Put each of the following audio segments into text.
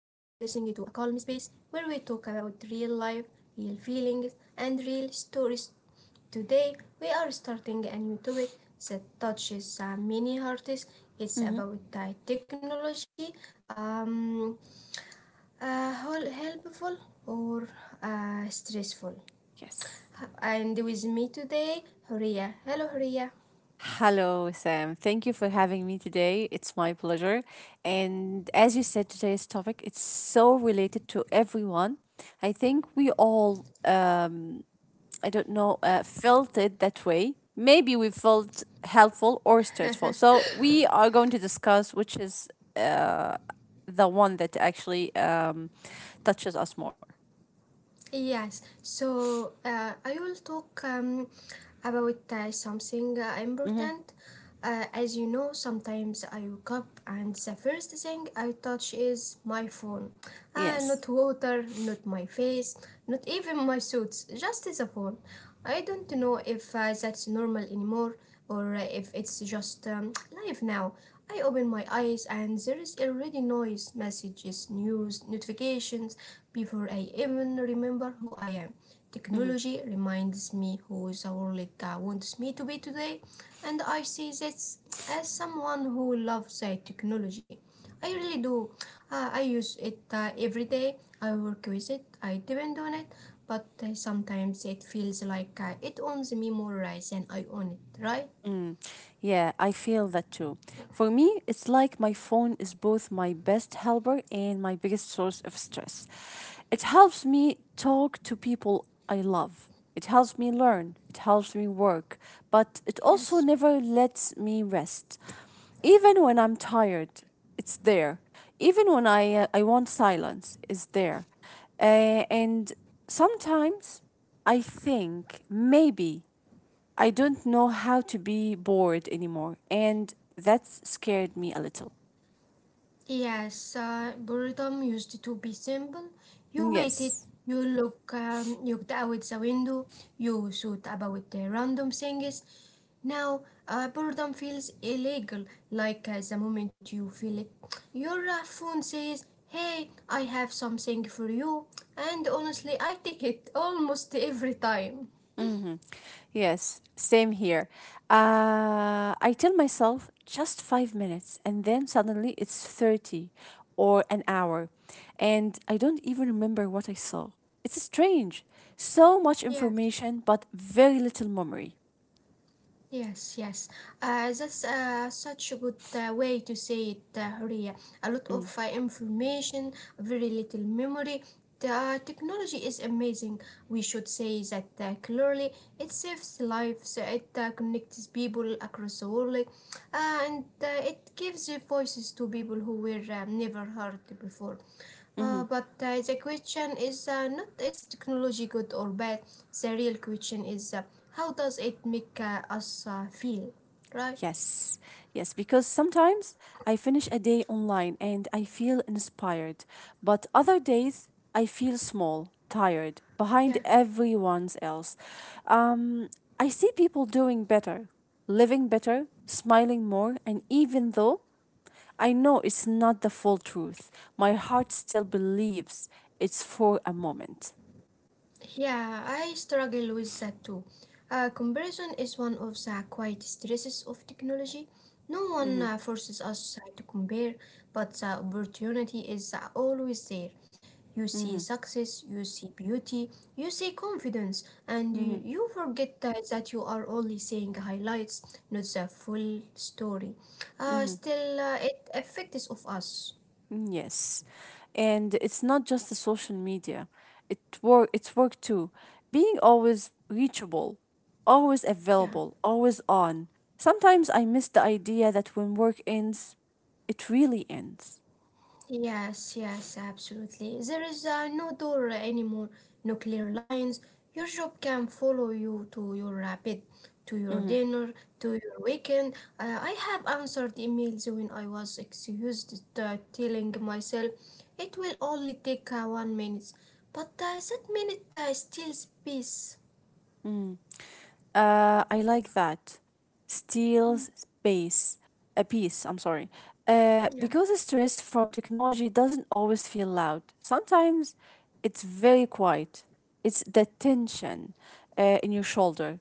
to a calm space where we talk about real life, real feelings and real stories. Today we are starting a new topic that touches many hearts. It's Hmm. about technology. Um, Helpful or stressful. Yes. And with me today, Huria. Hello, Huria. Hello, Sam. Thank you for having me today. It's my pleasure. And as you said, today's topic it's so related to everyone. I think we all, I don't know, felt it that way. Maybe we felt helpful or stressful. So we are going to discuss which is uh, the one that actually touches us more. Yes, so I will talk about something Hmm. important. As you know, sometimes I wake up and the first thing I touch is my phone. Uh, Yes. not water, not my face, not even my suits, just the phone. I don't know if that's normal anymore, or if it's just live now. I open my eyes and there is already noise, messages, news, notifications before I even remember who I am. Mm-hmm. Technology reminds me who the world wants me to be today, and I see this as someone who loves technology. I really do. I use it every day. I work with it. I depend on it. But sometimes it feels like it owns me more than I own it, right? Mm, yeah, I feel that too. For me, it's like my phone is both my best helper and my biggest source of stress. It helps me talk to people I love. It helps me learn. It helps me work. But it also Yes. never lets me rest. Even when I'm tired, it's there. Even when I want silence, it's there. And sometimes I think maybe I don't know how to be bored anymore, and that's scared me a little. Yes, boredom used to be simple. You waited, Yes. you looked out the window, you thought about the random things. Now, boredom feels illegal, like the moment you feel it. Your phone says, "Hey, I have something for you." And honestly, I take it almost every time. Hmm. Yes, same here. I tell myself just 5 minutes, and then suddenly it's 30 or an hour, and I don't even remember what I saw. It's strange. So much Yes. information, but very little memory. Yes, yes. That's such a good way to say it, Horia. A lot Mm, of information, very little memory. The technology is amazing. We should say that clearly. It saves lives, it connects people across the world, and it gives voices to people who were never heard before. mm-hmm. But the question is not is technology good or bad. The real question is how does it make us feel, right? Yes, yes, because sometimes I finish a day online and I feel inspired, but other days I feel small, tired, Yeah. behind everyone else. Um, I see people doing better, living better, smiling more, and even though I know it's not the full truth, my heart still believes it's for a moment. Yeah, I struggle with that too. Comparison is one of the quiet stresses of technology. No Mm-hmm, one forces us to compare, but the opportunity is always there. You mm-hmm, see success, you see beauty, you see confidence, and mm-hmm, you forget that you are only seeing highlights, not the full story. mm-hmm. Still, it affects of us. Yes. And it's not just the social media. It's work too. Being always reachable, always Yeah. available, always on. Sometimes I miss the idea that when work ends, it really ends. Yes, yes, absolutely. There is no door anymore, no clear lines. Your job can follow you to your bed, to your Mm-hmm. dinner, to your weekend. I have answered emails when I was excused, telling myself it will only take 1 minute. But that minute steals peace. I like that. Steals space. A piece, I'm sorry. Uh, Yeah. because stress from technology doesn't always feel loud. Sometimes it's very quiet. It's the tension in your shoulder,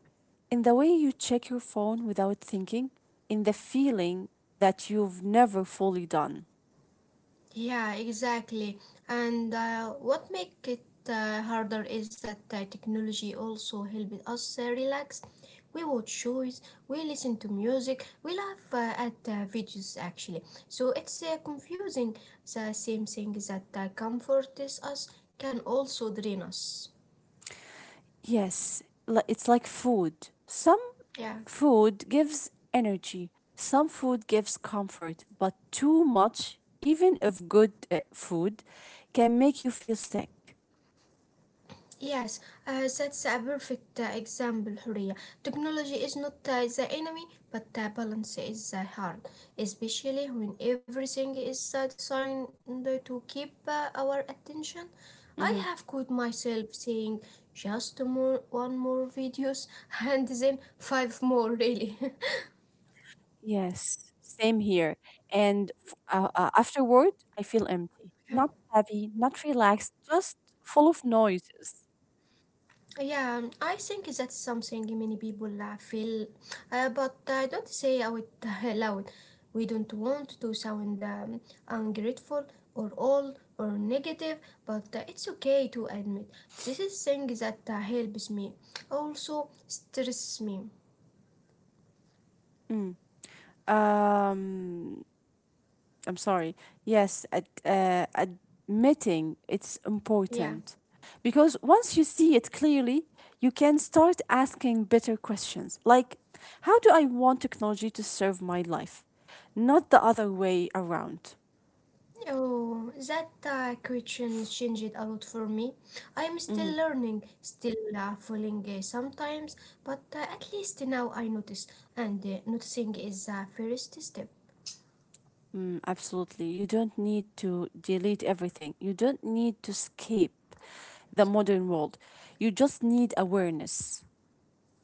in the way you check your phone without thinking, in the feeling that you've never fully done. Yeah, exactly. And what make it harder is that technology also help us relax. We watch shows, we listen to music, we laugh at videos actually. So it's confusing. The same thing that comforts us can also drain us. Yes, it's like food. Some Yeah. food gives energy, some food gives comfort, but too much, even of good food, can make you feel sick. Yes, that's a perfect example, Huria. Technology is not the enemy, but balance is hard, especially when everything is designed to keep our attention. I Mhm. have caught myself saying just more, one more videos and then five more, really. Yes, same here. And afterward, I feel empty, Yeah. not heavy, not relaxed, just full of noises. Yeah, I think that's something many people feel, but I don't say out loud. We don't want to sound ungrateful or old or negative, but it's okay to admit this is thing that helps me, also stresses me. Mm. Um, I'm sorry. Yes, admitting it's Yeah. important. Because once you see it clearly, you can start asking better questions like, how do I want technology to serve my life? Not the other way around. Oh, that question changed a lot for me. I'm Mhm. still learning, still falling sometimes, but at least now I notice, and noticing is the first step. Mm, absolutely. You don't need to delete everything, you don't need to escape the modern world. You just need awareness.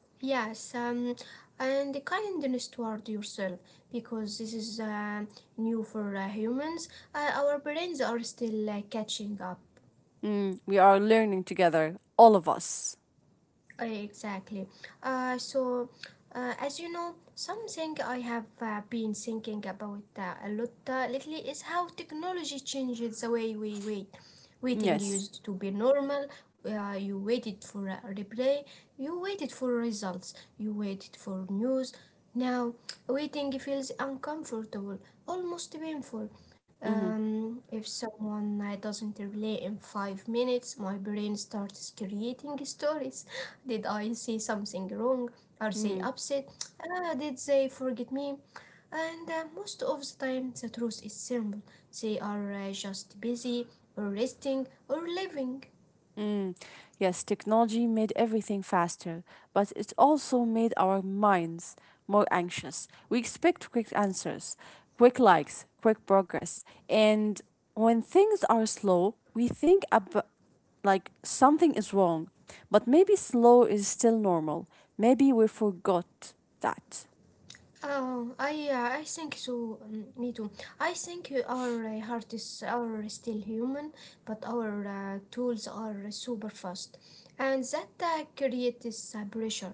Yes, and the kindness toward yourself, because this is new for humans. Our brains are still catching up. Mm, we are learning together, all of us. Right, exactly. So, as you know, something I have been thinking about a lot lately is how technology changes the way we wait. Waiting Yes. used to be normal. You waited for a replay, you waited for results, you waited for news. Now, waiting feels uncomfortable, almost painful. Mm-hmm. If someone doesn't relate in 5 minutes, my brain starts creating stories. Did I say something wrong? Are they Mm. upset? Did they forget me? And most of the time, the truth is simple. They are just busy, or resting, or living. Mm, yes, technology made everything faster, but it also made our minds more anxious. We expect quick answers, quick likes, quick progress. And when things are slow, we think about like something is wrong. But maybe slow is still normal. Maybe we forgot that. Oh, I think so. Me too. I think our heart is our still human, but our tools are super fast, and that creates pressure.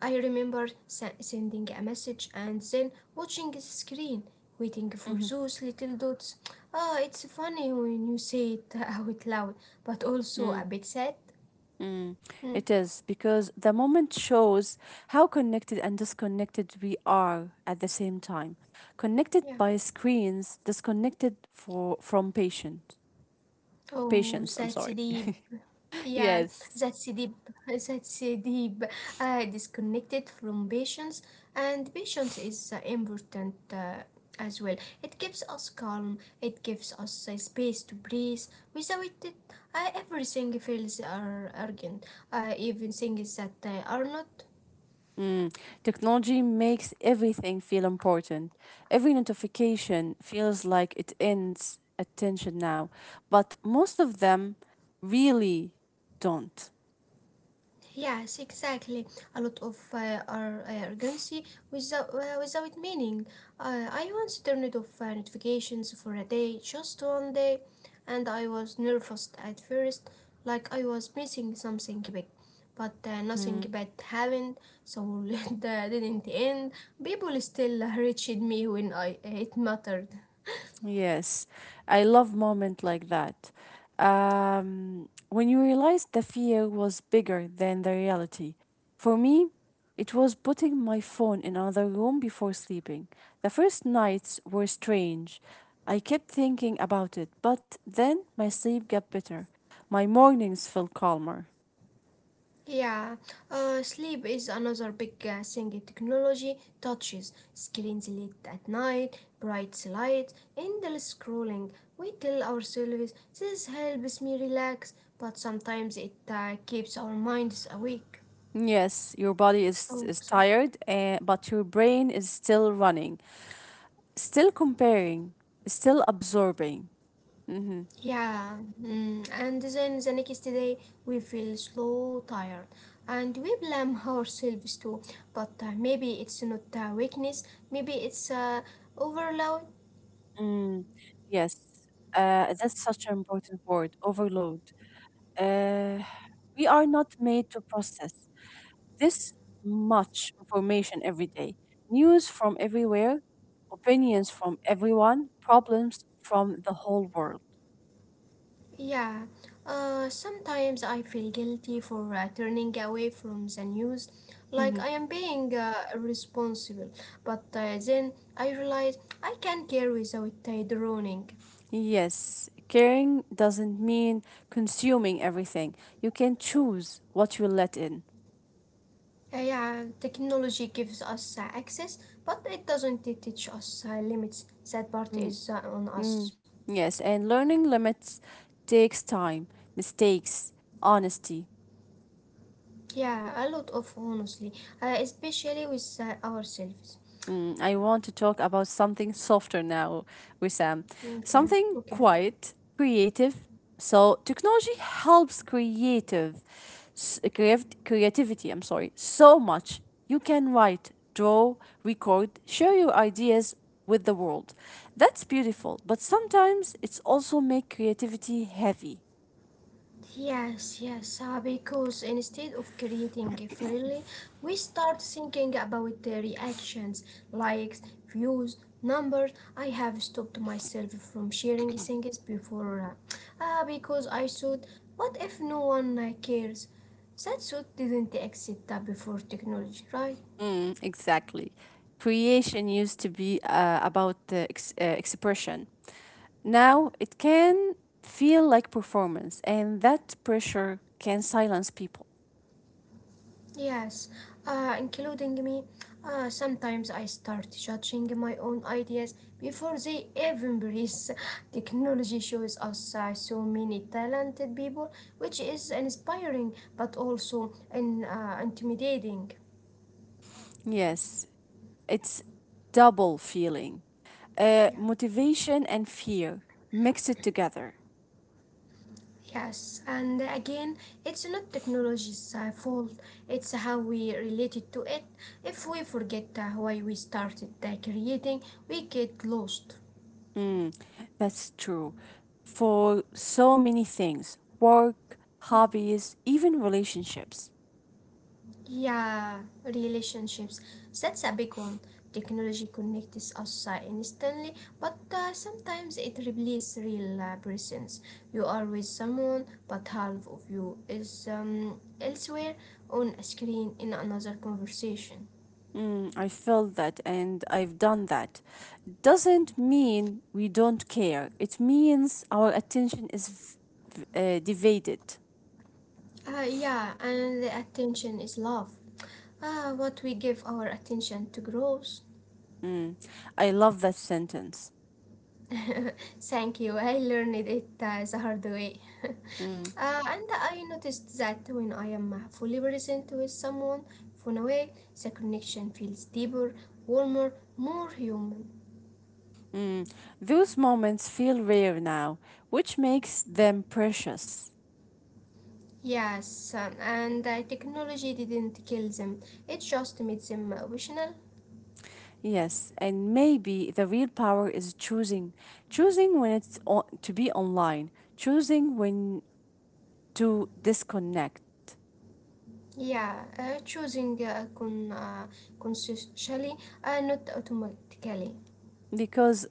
I remember sending a message and then watching the screen, waiting for Mm-hmm. those little dots. It's funny when you say it out loud, but also a bit sad. Mm, Mm, it is because the moment shows how connected and disconnected we are at the same time. Connected yeah. by screens, disconnected for from patient Oh, patience. I'm that's sorry. deep. Yeah, Yes, that's deep. That's deep. Disconnected from patience, and patience is important as well. It gives us calm. It gives us space to breathe. Without it, everything feels are urgent. Even things that are not. technology makes everything feel important. Every notification feels like it ends attention now, but most of them really don't. Yes, exactly. A lot of urgency without without meaning. I once turned off notifications for a day, just one day, and I was nervous at first, like I was missing something big. But nothing Hmm. bad happened, so that didn't end. People still reached me when I it mattered. Yes, I love moment like that. When you realize the fear was bigger than the reality. For me, it was putting my phone in another room before sleeping. The first nights were strange. I kept thinking about it, but then my sleep got better. My mornings felt calmer. Yeah, sleep is another big thing. Technology touches screens late at night, bright lights, endless scrolling. We tell ourselves this helps me relax, but sometimes it keeps our minds awake. Yes, your body is, Oh, is so tired, but your brain is still running, still comparing, still absorbing. Mm-hmm. yeah, and then the next day we feel slow, tired, and we blame ourselves too. But maybe it's not weakness, maybe it's overload. Mm, yes, that's such an important word, overload. Uh, we are not made to process this much information every day. News from everywhere, opinions from everyone, problems from the whole world. Yeah, sometimes I feel guilty for turning away from the news, like I Mhm. am being irresponsible. But then I realize I can care without droning. Yes, caring doesn't mean consuming everything. You can choose what you let in. Yeah, technology gives us access, but it doesn't teach us limits. That part Mm, is on mm, us. yes, and learning limits takes time, mistakes, honesty. Yeah, a lot of honestly, especially with ourselves. Mm, I want to talk about something softer now, Wissam. Okay, Something okay. quiet, creative. So technology helps creativity. I'm sorry, so much. You can write, draw, record, share your ideas with the world. That's beautiful, but sometimes it's also make creativity heavy. Yes, yes, because instead of creating freely, we start thinking about the reactions, likes, views, numbers. I have stopped myself from sharing things before because I thought, what if no one cares? That thought didn't exist before technology, right? Mm, exactly. Creation used to be about the expression. Now, it can feel like performance, and that pressure can silence people. Yes, including me, sometimes I start judging my own ideas before they even breathe. Technology shows us so many talented people, which is inspiring but also intimidating. Yes, it's double feeling Yeah. motivation and fear mixed together. Yes, and again, it's not technology's fault, it's how we related to it. If we forget why we started creating, we get lost. Mm, that's true for so many things work, hobbies, even relationships. Yeah, relationships. That's a big one. Technology connects us instantly, but sometimes it replaces real presence. You are with someone, but half of you is elsewhere on a screen in another conversation. Mm, I feel that and I've done that. Doesn't mean we don't care, it means our attention is divided. Yeah, and the attention is love. What we give our attention to grows. Mm, I love that sentence. Thank you. I learned it the hard way. Mm, And I noticed that when I am fully present with someone from away, the connection feels deeper, warmer, more human. mm. Those moments feel rare now, which makes them precious. Yes, and technology didn't kill them, it just made them optional. Yes, and maybe the real power is choosing, choosing when it's on, to be online, choosing when to disconnect, Yeah, choosing consciously, not automatically. because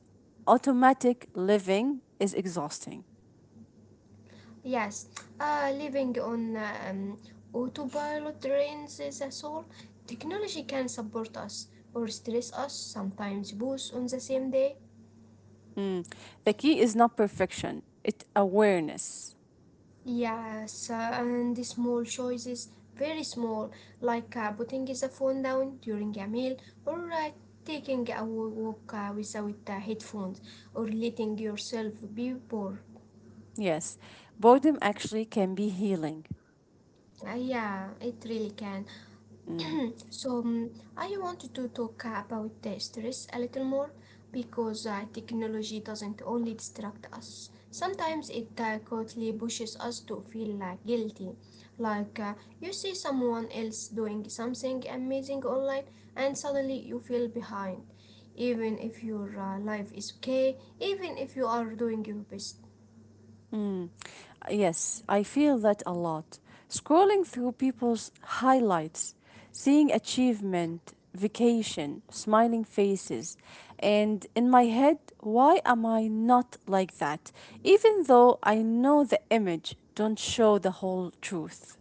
automatic living is exhausting. Yes, living on autopilot drains the soul. Technology can support us or stress us, sometimes both on the same day. Mm. The key is not perfection, it's awareness. Yes, and the small choices, very small, like putting the phone down during a meal or taking a walk without headphones or letting yourself be bored. Yes, boredom actually can be healing. Yeah, it really can. Mm. So, I wanted to talk about the stress a little more because technology doesn't only distract us. Sometimes it quickly pushes us to feel guilty. Like you see someone else doing something amazing online and suddenly you feel behind. Even if your life is okay, even if you are doing your best. Mm. Yes, I feel that a lot. Scrolling through people's highlights, seeing achievement, vacation, smiling faces, and in my head, why am I not like that? Even though I know the image don't show the whole truth.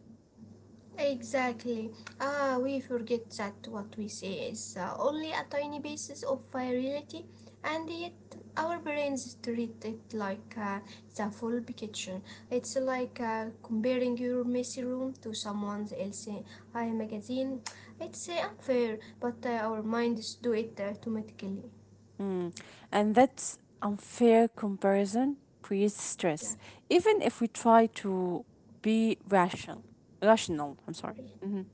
Exactly. We forget that what we say is only a tiny basis of reality, and yet our brains treat it like the full picture. It's like comparing your messy room to someone else's magazine. It's unfair, but our minds do it automatically. Mm. And that's unfair comparison creates stress, Yeah. even if we try to be rational. Rational, I'm sorry. Mm-hmm.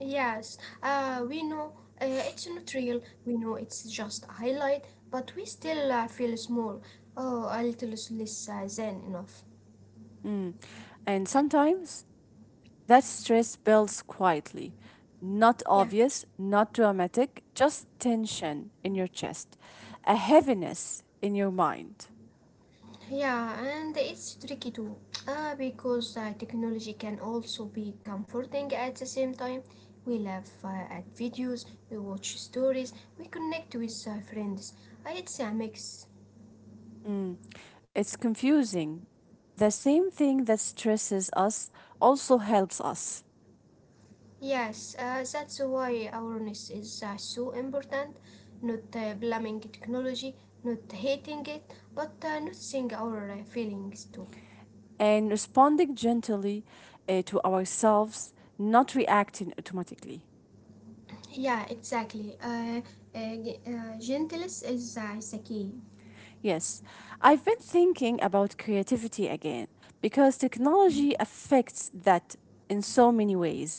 Yes, we know it's not real, we know it's just a highlight, but we still feel small, oh, a little less than enough. Mm. And sometimes that stress builds quietly, not Yeah, obvious, not dramatic, just tension in your chest, a heaviness in your mind. yeah, and it's tricky too, because technology can also be comforting at the same time. We laugh at videos, we watch stories, we connect with friends. It's a mix. Mm. It's confusing. The same thing that stresses us also helps us. Yes, that's why awareness is so important. Not blaming technology, not hating it, but noticing our feelings too. And responding gently to ourselves, not reacting automatically. Yeah, exactly. Gentleness is the key. Yes, I've been thinking about creativity again because Mm. technology affects that in so many ways.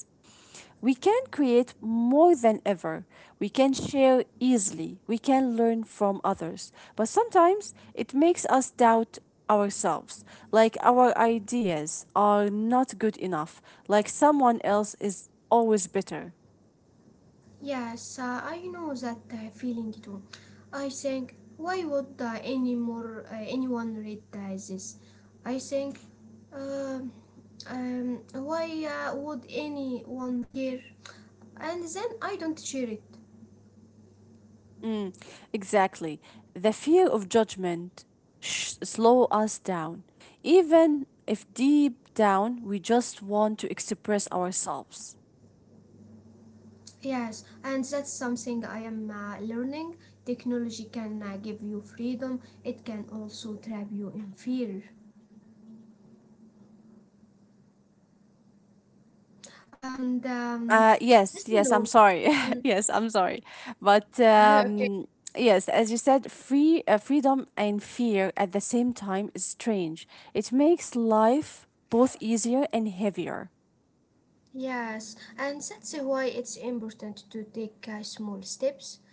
We can create more than ever. We can share easily. We can learn from others. But sometimes it makes us doubt ourselves, like our ideas are not good enough, like someone else is always better. Yes, I know that feeling too. I think, why would anyone read this? I think, um, why would anyone care? And then I don't share it. Mm, exactly. The fear of judgment slow us down, even if deep down we just want to express ourselves. Yes, and that's something I am learning. Technology can give you freedom, it can also trap you in fear. And Uh, as yes, you yes, I'm sorry. know, Yes, I'm sorry. But okay. Yes, as you said, freedom and fear at the same time is strange. It makes life both easier and heavier. Yes, and that's why it's important to take small steps.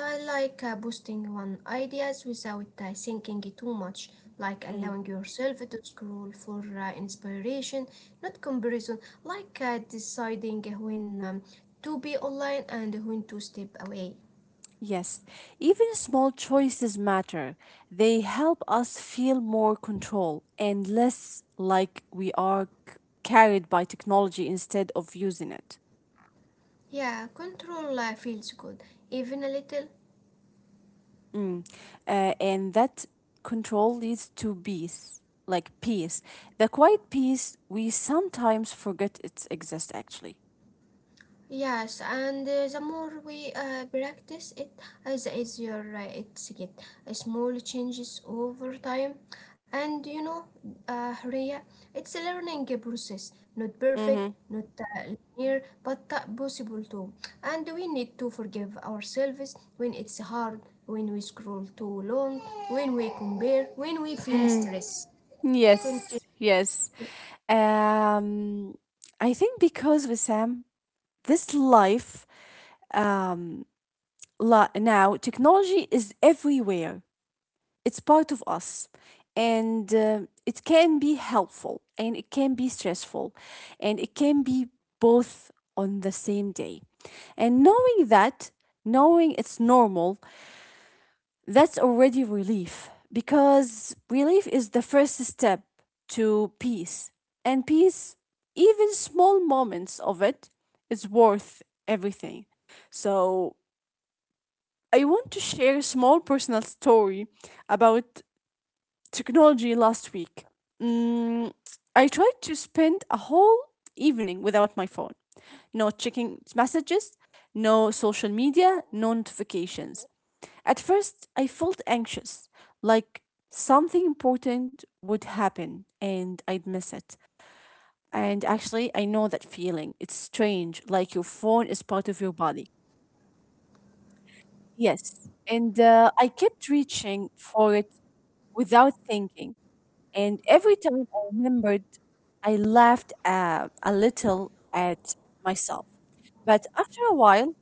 I like boosting one ideas without thinking too much, like Mm-hmm. allowing yourself to scroll for inspiration, not comparison, like deciding when to be online and when to step away. Yes, even small choices matter. They help us feel more control and less like we are carried by technology instead of using it. Yeah, control feels good, even a little. Mm. And that control leads to peace, like peace. The quiet peace we sometimes forget it exists actually. Yes, and the more we practice it, the easier it's get. Small changes over time, and you know, Rhea, it's a learning process. Not Mm-hmm. perfect, not linear, but possible too. And we need to forgive ourselves when it's hard, when we scroll too long, when we compare, when we feel Mm. stress. Continue. Yes, yes. Um, I think because with Sam, this life um now technology is everywhere, it's part of us, and it can be helpful, and it can be stressful, and it can be both on the same day. And knowing it's normal, that's already relief, because relief is the first step to peace. And peace, even small moments of it, is worth everything. So I want to share a small personal story about technology last week. Mm, I tried to spend a whole evening without my phone, no checking messages, no social media, no notifications. At first, I felt anxious, like something important would happen and I'd miss it. And actually, I know that feeling. It's strange, like your phone is part of your body. Yes. And I kept reaching for it without thinking. And every time I remembered, I laughed a little at myself. But after a while,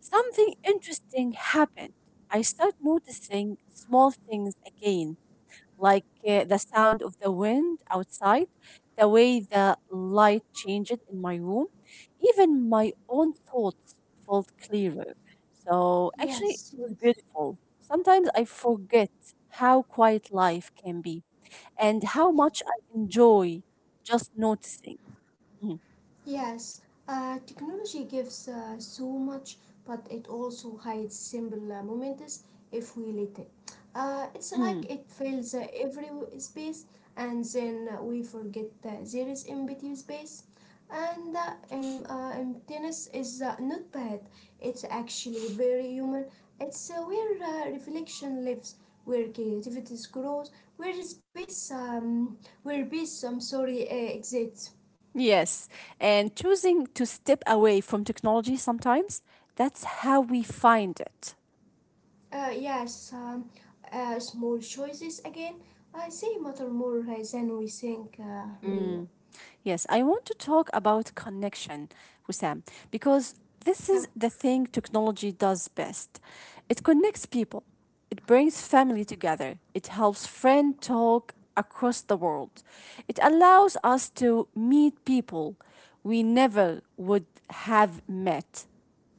something interesting happened. I started noticing small things again, like the sound of the wind outside, the way the light changed in my room. Even my own thoughts felt clearer. So actually, it Yes. was beautiful. Sometimes I forget how quiet life can be and how Yes. much I enjoy just noticing. Mm, Yes, technology gives so much, but it also hides simple moments if we let it. It's like mm, it fills every space, and then we forget that there is empty space. And emptiness is not bad. It's actually very human. It's where reflection lives, where creativity grows, where space, um, where peace, I'm sorry, exists. yes, and choosing to step away from technology sometimes, that's how we find it. Uh, yes, um, Small choices again. I say matter more than we think, Ria. Mm. Yes, I want to talk about connection, Wissam, because Yeah. this is the thing technology does best. It connects people, it brings family together, it helps friends talk across the world, it allows us to meet people we never would have met.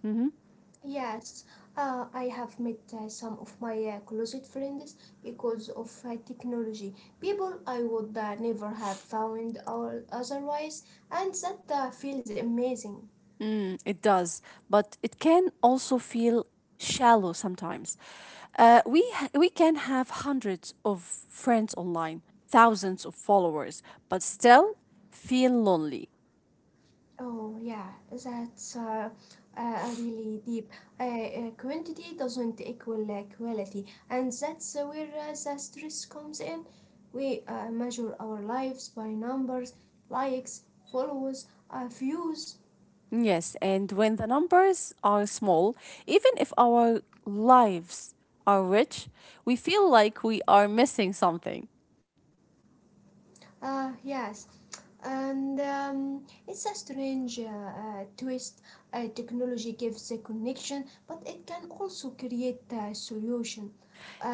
Mm-hmm. Yes, I have met some of my closet friends because of technology. People I would never have found out otherwise, and that feels amazing. Mm, it does, but it can also feel shallow sometimes. We can have hundreds of friends online, thousands of followers, but still feel lonely. Oh yeah, that's a really deep. Quantity doesn't equal quality, and that's where the stress comes in. We measure our lives by numbers, likes, followers, views. Yes, and when the numbers are small, even if our lives are rich, we feel like we are missing something. Yes, and it's a strange twist. Technology gives a connection, but it can also create a solution.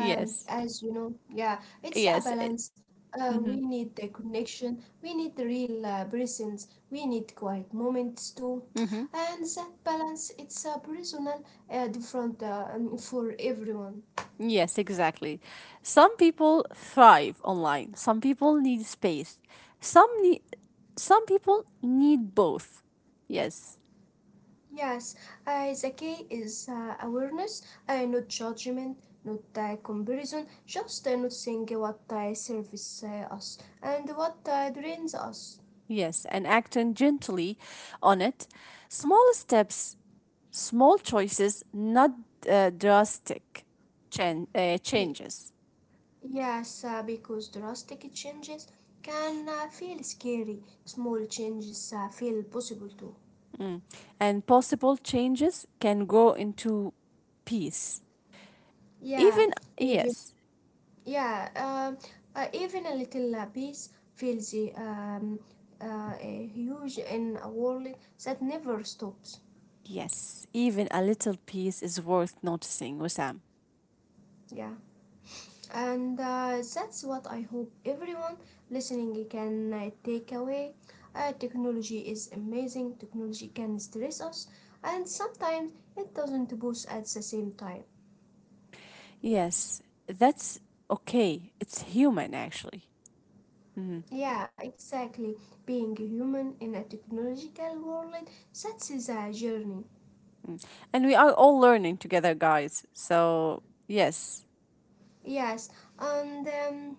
As you know, yeah, it's yes. a balance. Mm-hmm. We need the connection, we need real presence, we need quiet moments too. Mm-hmm. And that balance, it's personal, different for everyone. Yes, exactly. Some people thrive online. Some people need space. Some need some people need both. Yes. Yes, the key is awareness, not judgment, not comparison, just noticing what serves us and what drains us. Yes, and acting gently on it. Small steps, small choices, not drastic Y- changes. yes, because drastic changes can feel scary, small changes feel possible too. Mm. And possible changes can grow into peace. Yeah, Even even yes, yeah, um, even a little piece feels uh, uh, huge in a world that never stops. yes, even a little peace is worth noticing, Wissam. Yeah. And that's what I hope everyone listening can take away. Technology is amazing, technology can stress us, and sometimes it doesn't boost at the same time. Yes, that's okay. It's human, actually. Mhm. Yeah, exactly. Being a human in a technological world, that's is a journey. And we are all learning together, guys. So, yes. Yes, and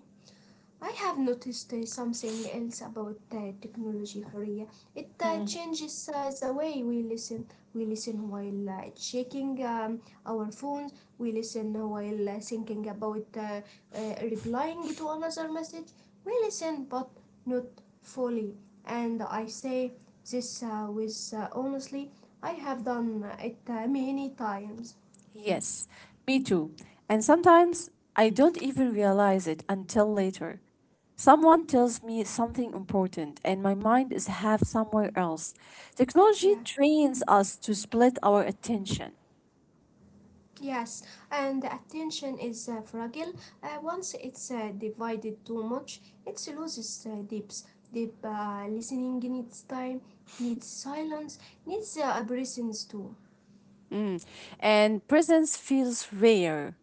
I have noticed something else about technology, Horia. It Mm. changes the way we listen. We listen while checking our phones. We listen while thinking about replying to another message. We listen, but not fully. And I say this with honestly, I have done it many times. Yes, me too. And sometimes I don't even realize it until later. Someone tells me something important, and my mind is half somewhere else. Technology Yeah. trains us to split our attention. Yes, and the attention is fragile. Once it's divided too much, it loses depth. Deep listening needs time, needs silence, needs presence too. Mm. And presence feels rare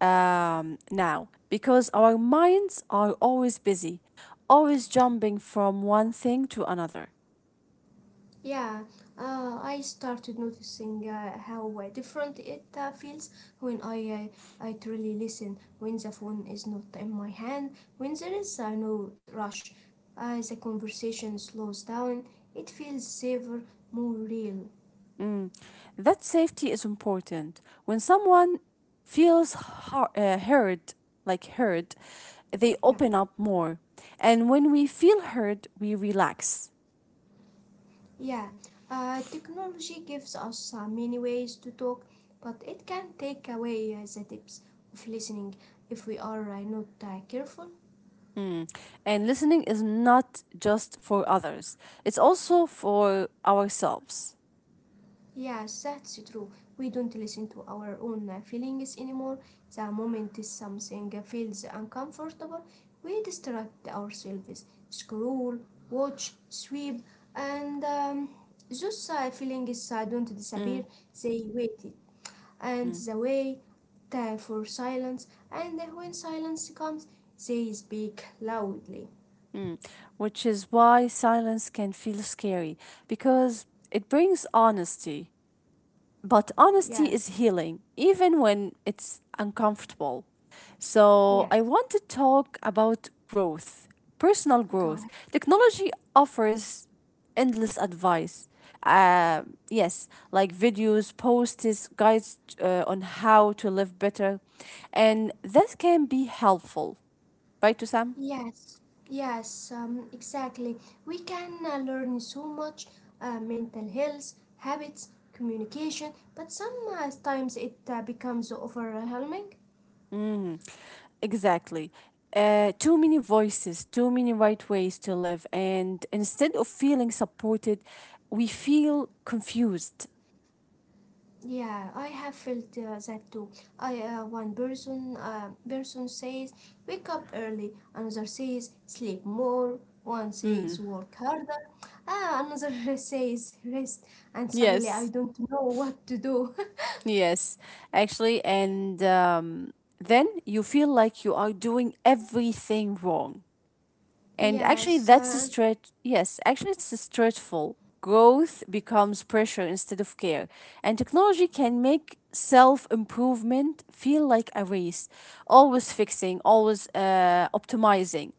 now, because our minds are always busy, always jumping from one thing to another. Yeah, I started noticing how different it feels when I truly listen. When the phone is not in my hand, when there is no rush, the conversation slows down. It feels safer, more real. Mm. That safety is important. When someone feels heard, like heard, they open Yeah. up more. And when we feel heard, we relax. Yeah, technology gives us many ways to talk, but it can take away the depth of listening if we are not careful. Mm. And listening is not just for others, it's also for ourselves. Yes, that's true. We don't listen to our own feelings anymore. The moment is something feels uncomfortable, we distract ourselves, scroll, watch, sweep, and those feelings don't disappear, Mm. they waited. And Mm. the way for silence and when silence comes they speak loudly. Mm, Which is why silence can feel scary because it brings honesty. But Yeah. honesty is healing, even when it's uncomfortable. So, I Yes, want to talk about growth, personal go growth. ahead. Technology offers endless advice. Uh, yes, like videos, posts, guides on how to live better. And that can be helpful, right, Sam? Yes yes um, exactly, we can learn so much, mental health habits communication, but sometimes it becomes overwhelming. Mm, exactly. Too many voices, too many right ways to live, and instead of feeling supported, we feel confused. Yeah, I have felt that too. I one person person says wake up early, another says sleep more, one says Mm, work harder, ah, another says rest, and suddenly I yes, don't know what to do. yes, actually, and then you feel like you are doing everything wrong. And actually, yes, that's a uh, stretch. Yes, actually, it's a stressful. Growth becomes pressure instead of care. And technology can make self improvement feel like a race, always fixing, always optimizing.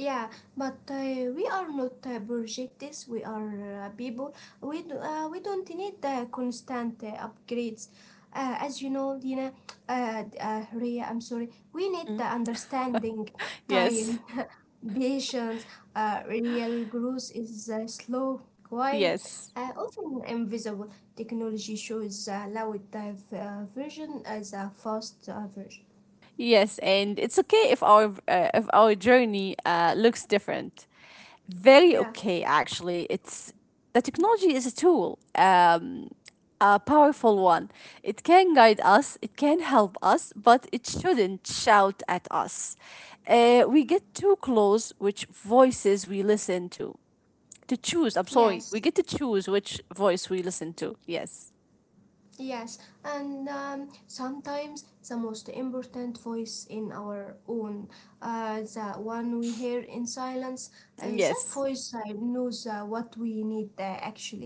Yeah, but we are not projectiles. We are people. We don't need the constant upgrades. As you know, Ria, I'm sorry. We need the Mm. understanding, time, Yes, patience. Real growth is slow, quiet, yes, often invisible. Technology shows a loud version as a fast version. yes. And it's okay if our journey looks different. Very Yeah. okay, actually, it's the technology is a tool, a powerful one, it can guide us, it can help us, but it shouldn't shout at us. We get too close which voices we listen to choose I'm sorry, we Yes. get to choose which voice we listen to. Yes, Yes, and sometimes the most important voice in our own, the one we hear in silence, that yes. voice knows what we need actually.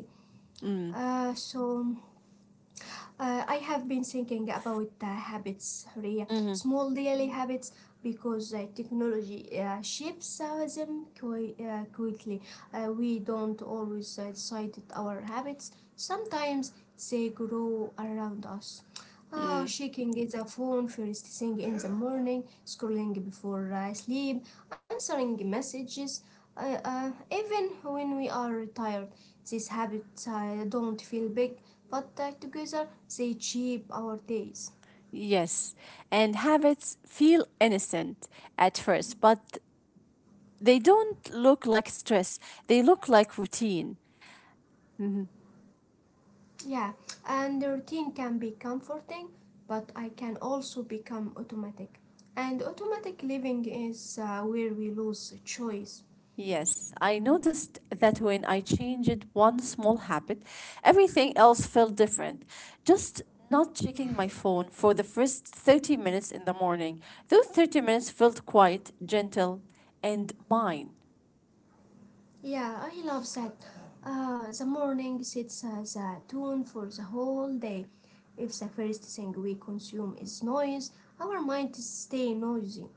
Mm. So I have been thinking about habits, Ria, Mm-hmm. small daily habits, because technology shapes them quickly. We don't always decide our habits. Sometimes they grow around us. Ah, Mm. shaking the phone first thing in the morning, scrolling before I sleep, answering messages, even when we are tired. These habits don't feel big, but together they shape our days. Yes, and habits feel innocent at first, but they don't look like stress, they look like routine. Mhm. Yeah, and the routine can be comforting, but I can also become automatic. And automatic living is where we lose choice. Yes, I noticed that when I changed one small habit, everything else felt different. Just not checking my phone for the first 30 minutes in the morning. Those 30 minutes felt quiet, gentle, and mine. Yeah, I love that. The morning sets the tone for the whole day. If the first thing we consume is noise, our mind stay noisy.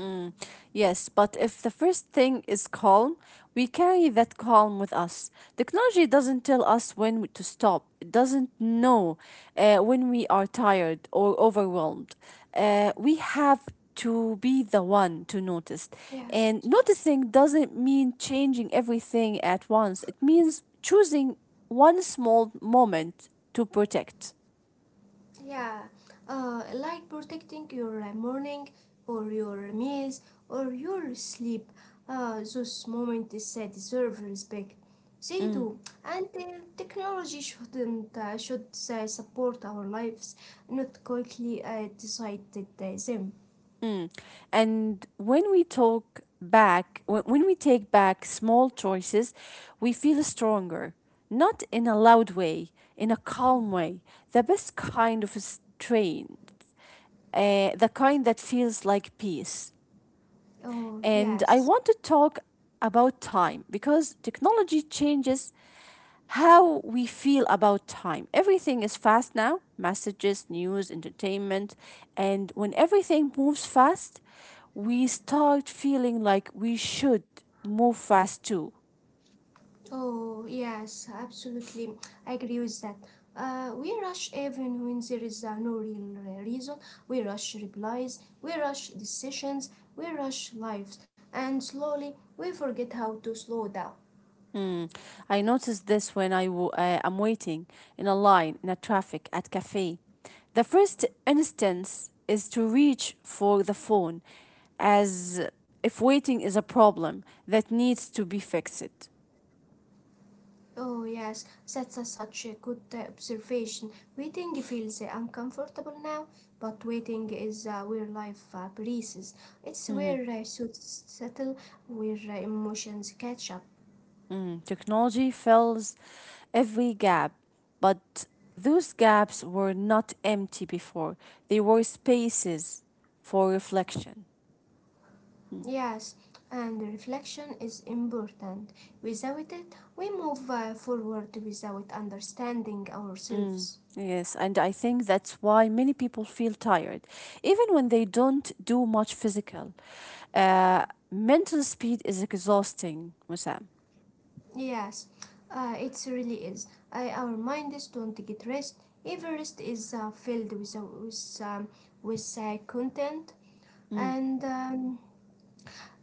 Mm, yes, but if the first thing is calm, we carry that calm with us. Technology doesn't tell us when to stop, it doesn't know when we are tired or overwhelmed. We have to be the one to notice. Yes. And noticing doesn't mean changing everything at once, it means choosing one small moment to protect. Yeah, like protecting your morning or your meals or your sleep. Those moments that deserve respect. They Mm. do, and technology shouldn't should support our lives, not quickly decide that, them. Mm. And when we talk back, when we take back small choices, we feel stronger. Not in a loud way, in a calm way. The best kind of strength, the kind that feels like peace. Oh, And I want yes. to talk about time because technology changes how we feel about time. Everything is fast now, messages, news, entertainment. And when everything moves fast, we start feeling like we should move fast too. Oh, yes, absolutely. I agree with that. We rush even when there is no real reason. We rush replies, we rush decisions, we rush lives, and slowly we forget how to slow down. Mm. I noticed this when I am waiting in a line, in a traffic, at cafe. The first instance is to reach for the phone as if waiting is a problem that needs to be fixed. Oh, yes, that's a, such a good observation. Waiting feels uncomfortable now, but waiting is where life breathes. It's Hmm. where suits settle, where emotions catch up. Mm, technology fills every gap, but those gaps were not empty before. They were spaces for reflection. Mm, Yes, and reflection is important. Without it, we move forward without understanding mm, ourselves. yes, and I think that's why many people feel tired, even when they don't do much physical. Uh, Mental speed is exhausting, Musam. Yes, it really is. Our minds don't get rest. Every rest is filled with content, Mm, and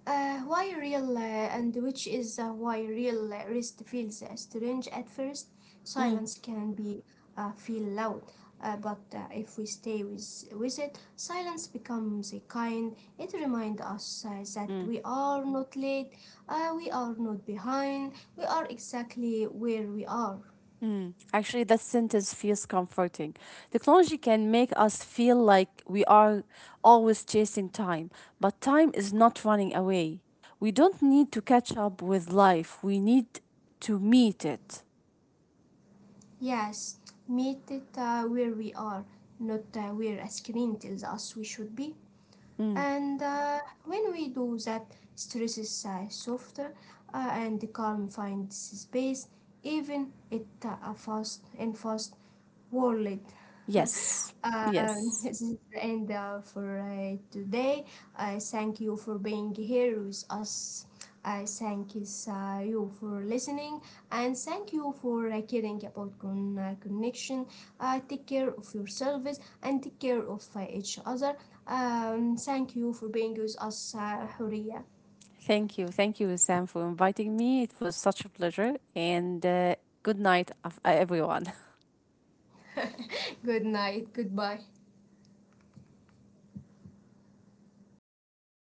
uh, why real and which is why real rest feels strange at first. Silence mm, can be feel loud, but if we stay with it, silence becomes a kind. It reminds us that mm. we are not late, we are not behind, we are exactly where we are. Mm. Actually, that sentence feels comforting. Technology can make us feel like we are always chasing time, but time is not running away. We don't need to catch up with life, we need to meet it. Yes, meet it where we are, not where a screen tells us we should be. Mm. And when we do that, stress is softer and the calm finds space, even it a fast and fast world. Yes, yes. This is the end for today. Thank you for being here with us. I thank you, you for listening and thank you for caring about connection. Take care of yourselves and take care of each other. Thank you for being with us, Huria. Thank you. Thank you, Sam, for inviting me. It was such a pleasure, and good night, everyone. Good night. Goodbye.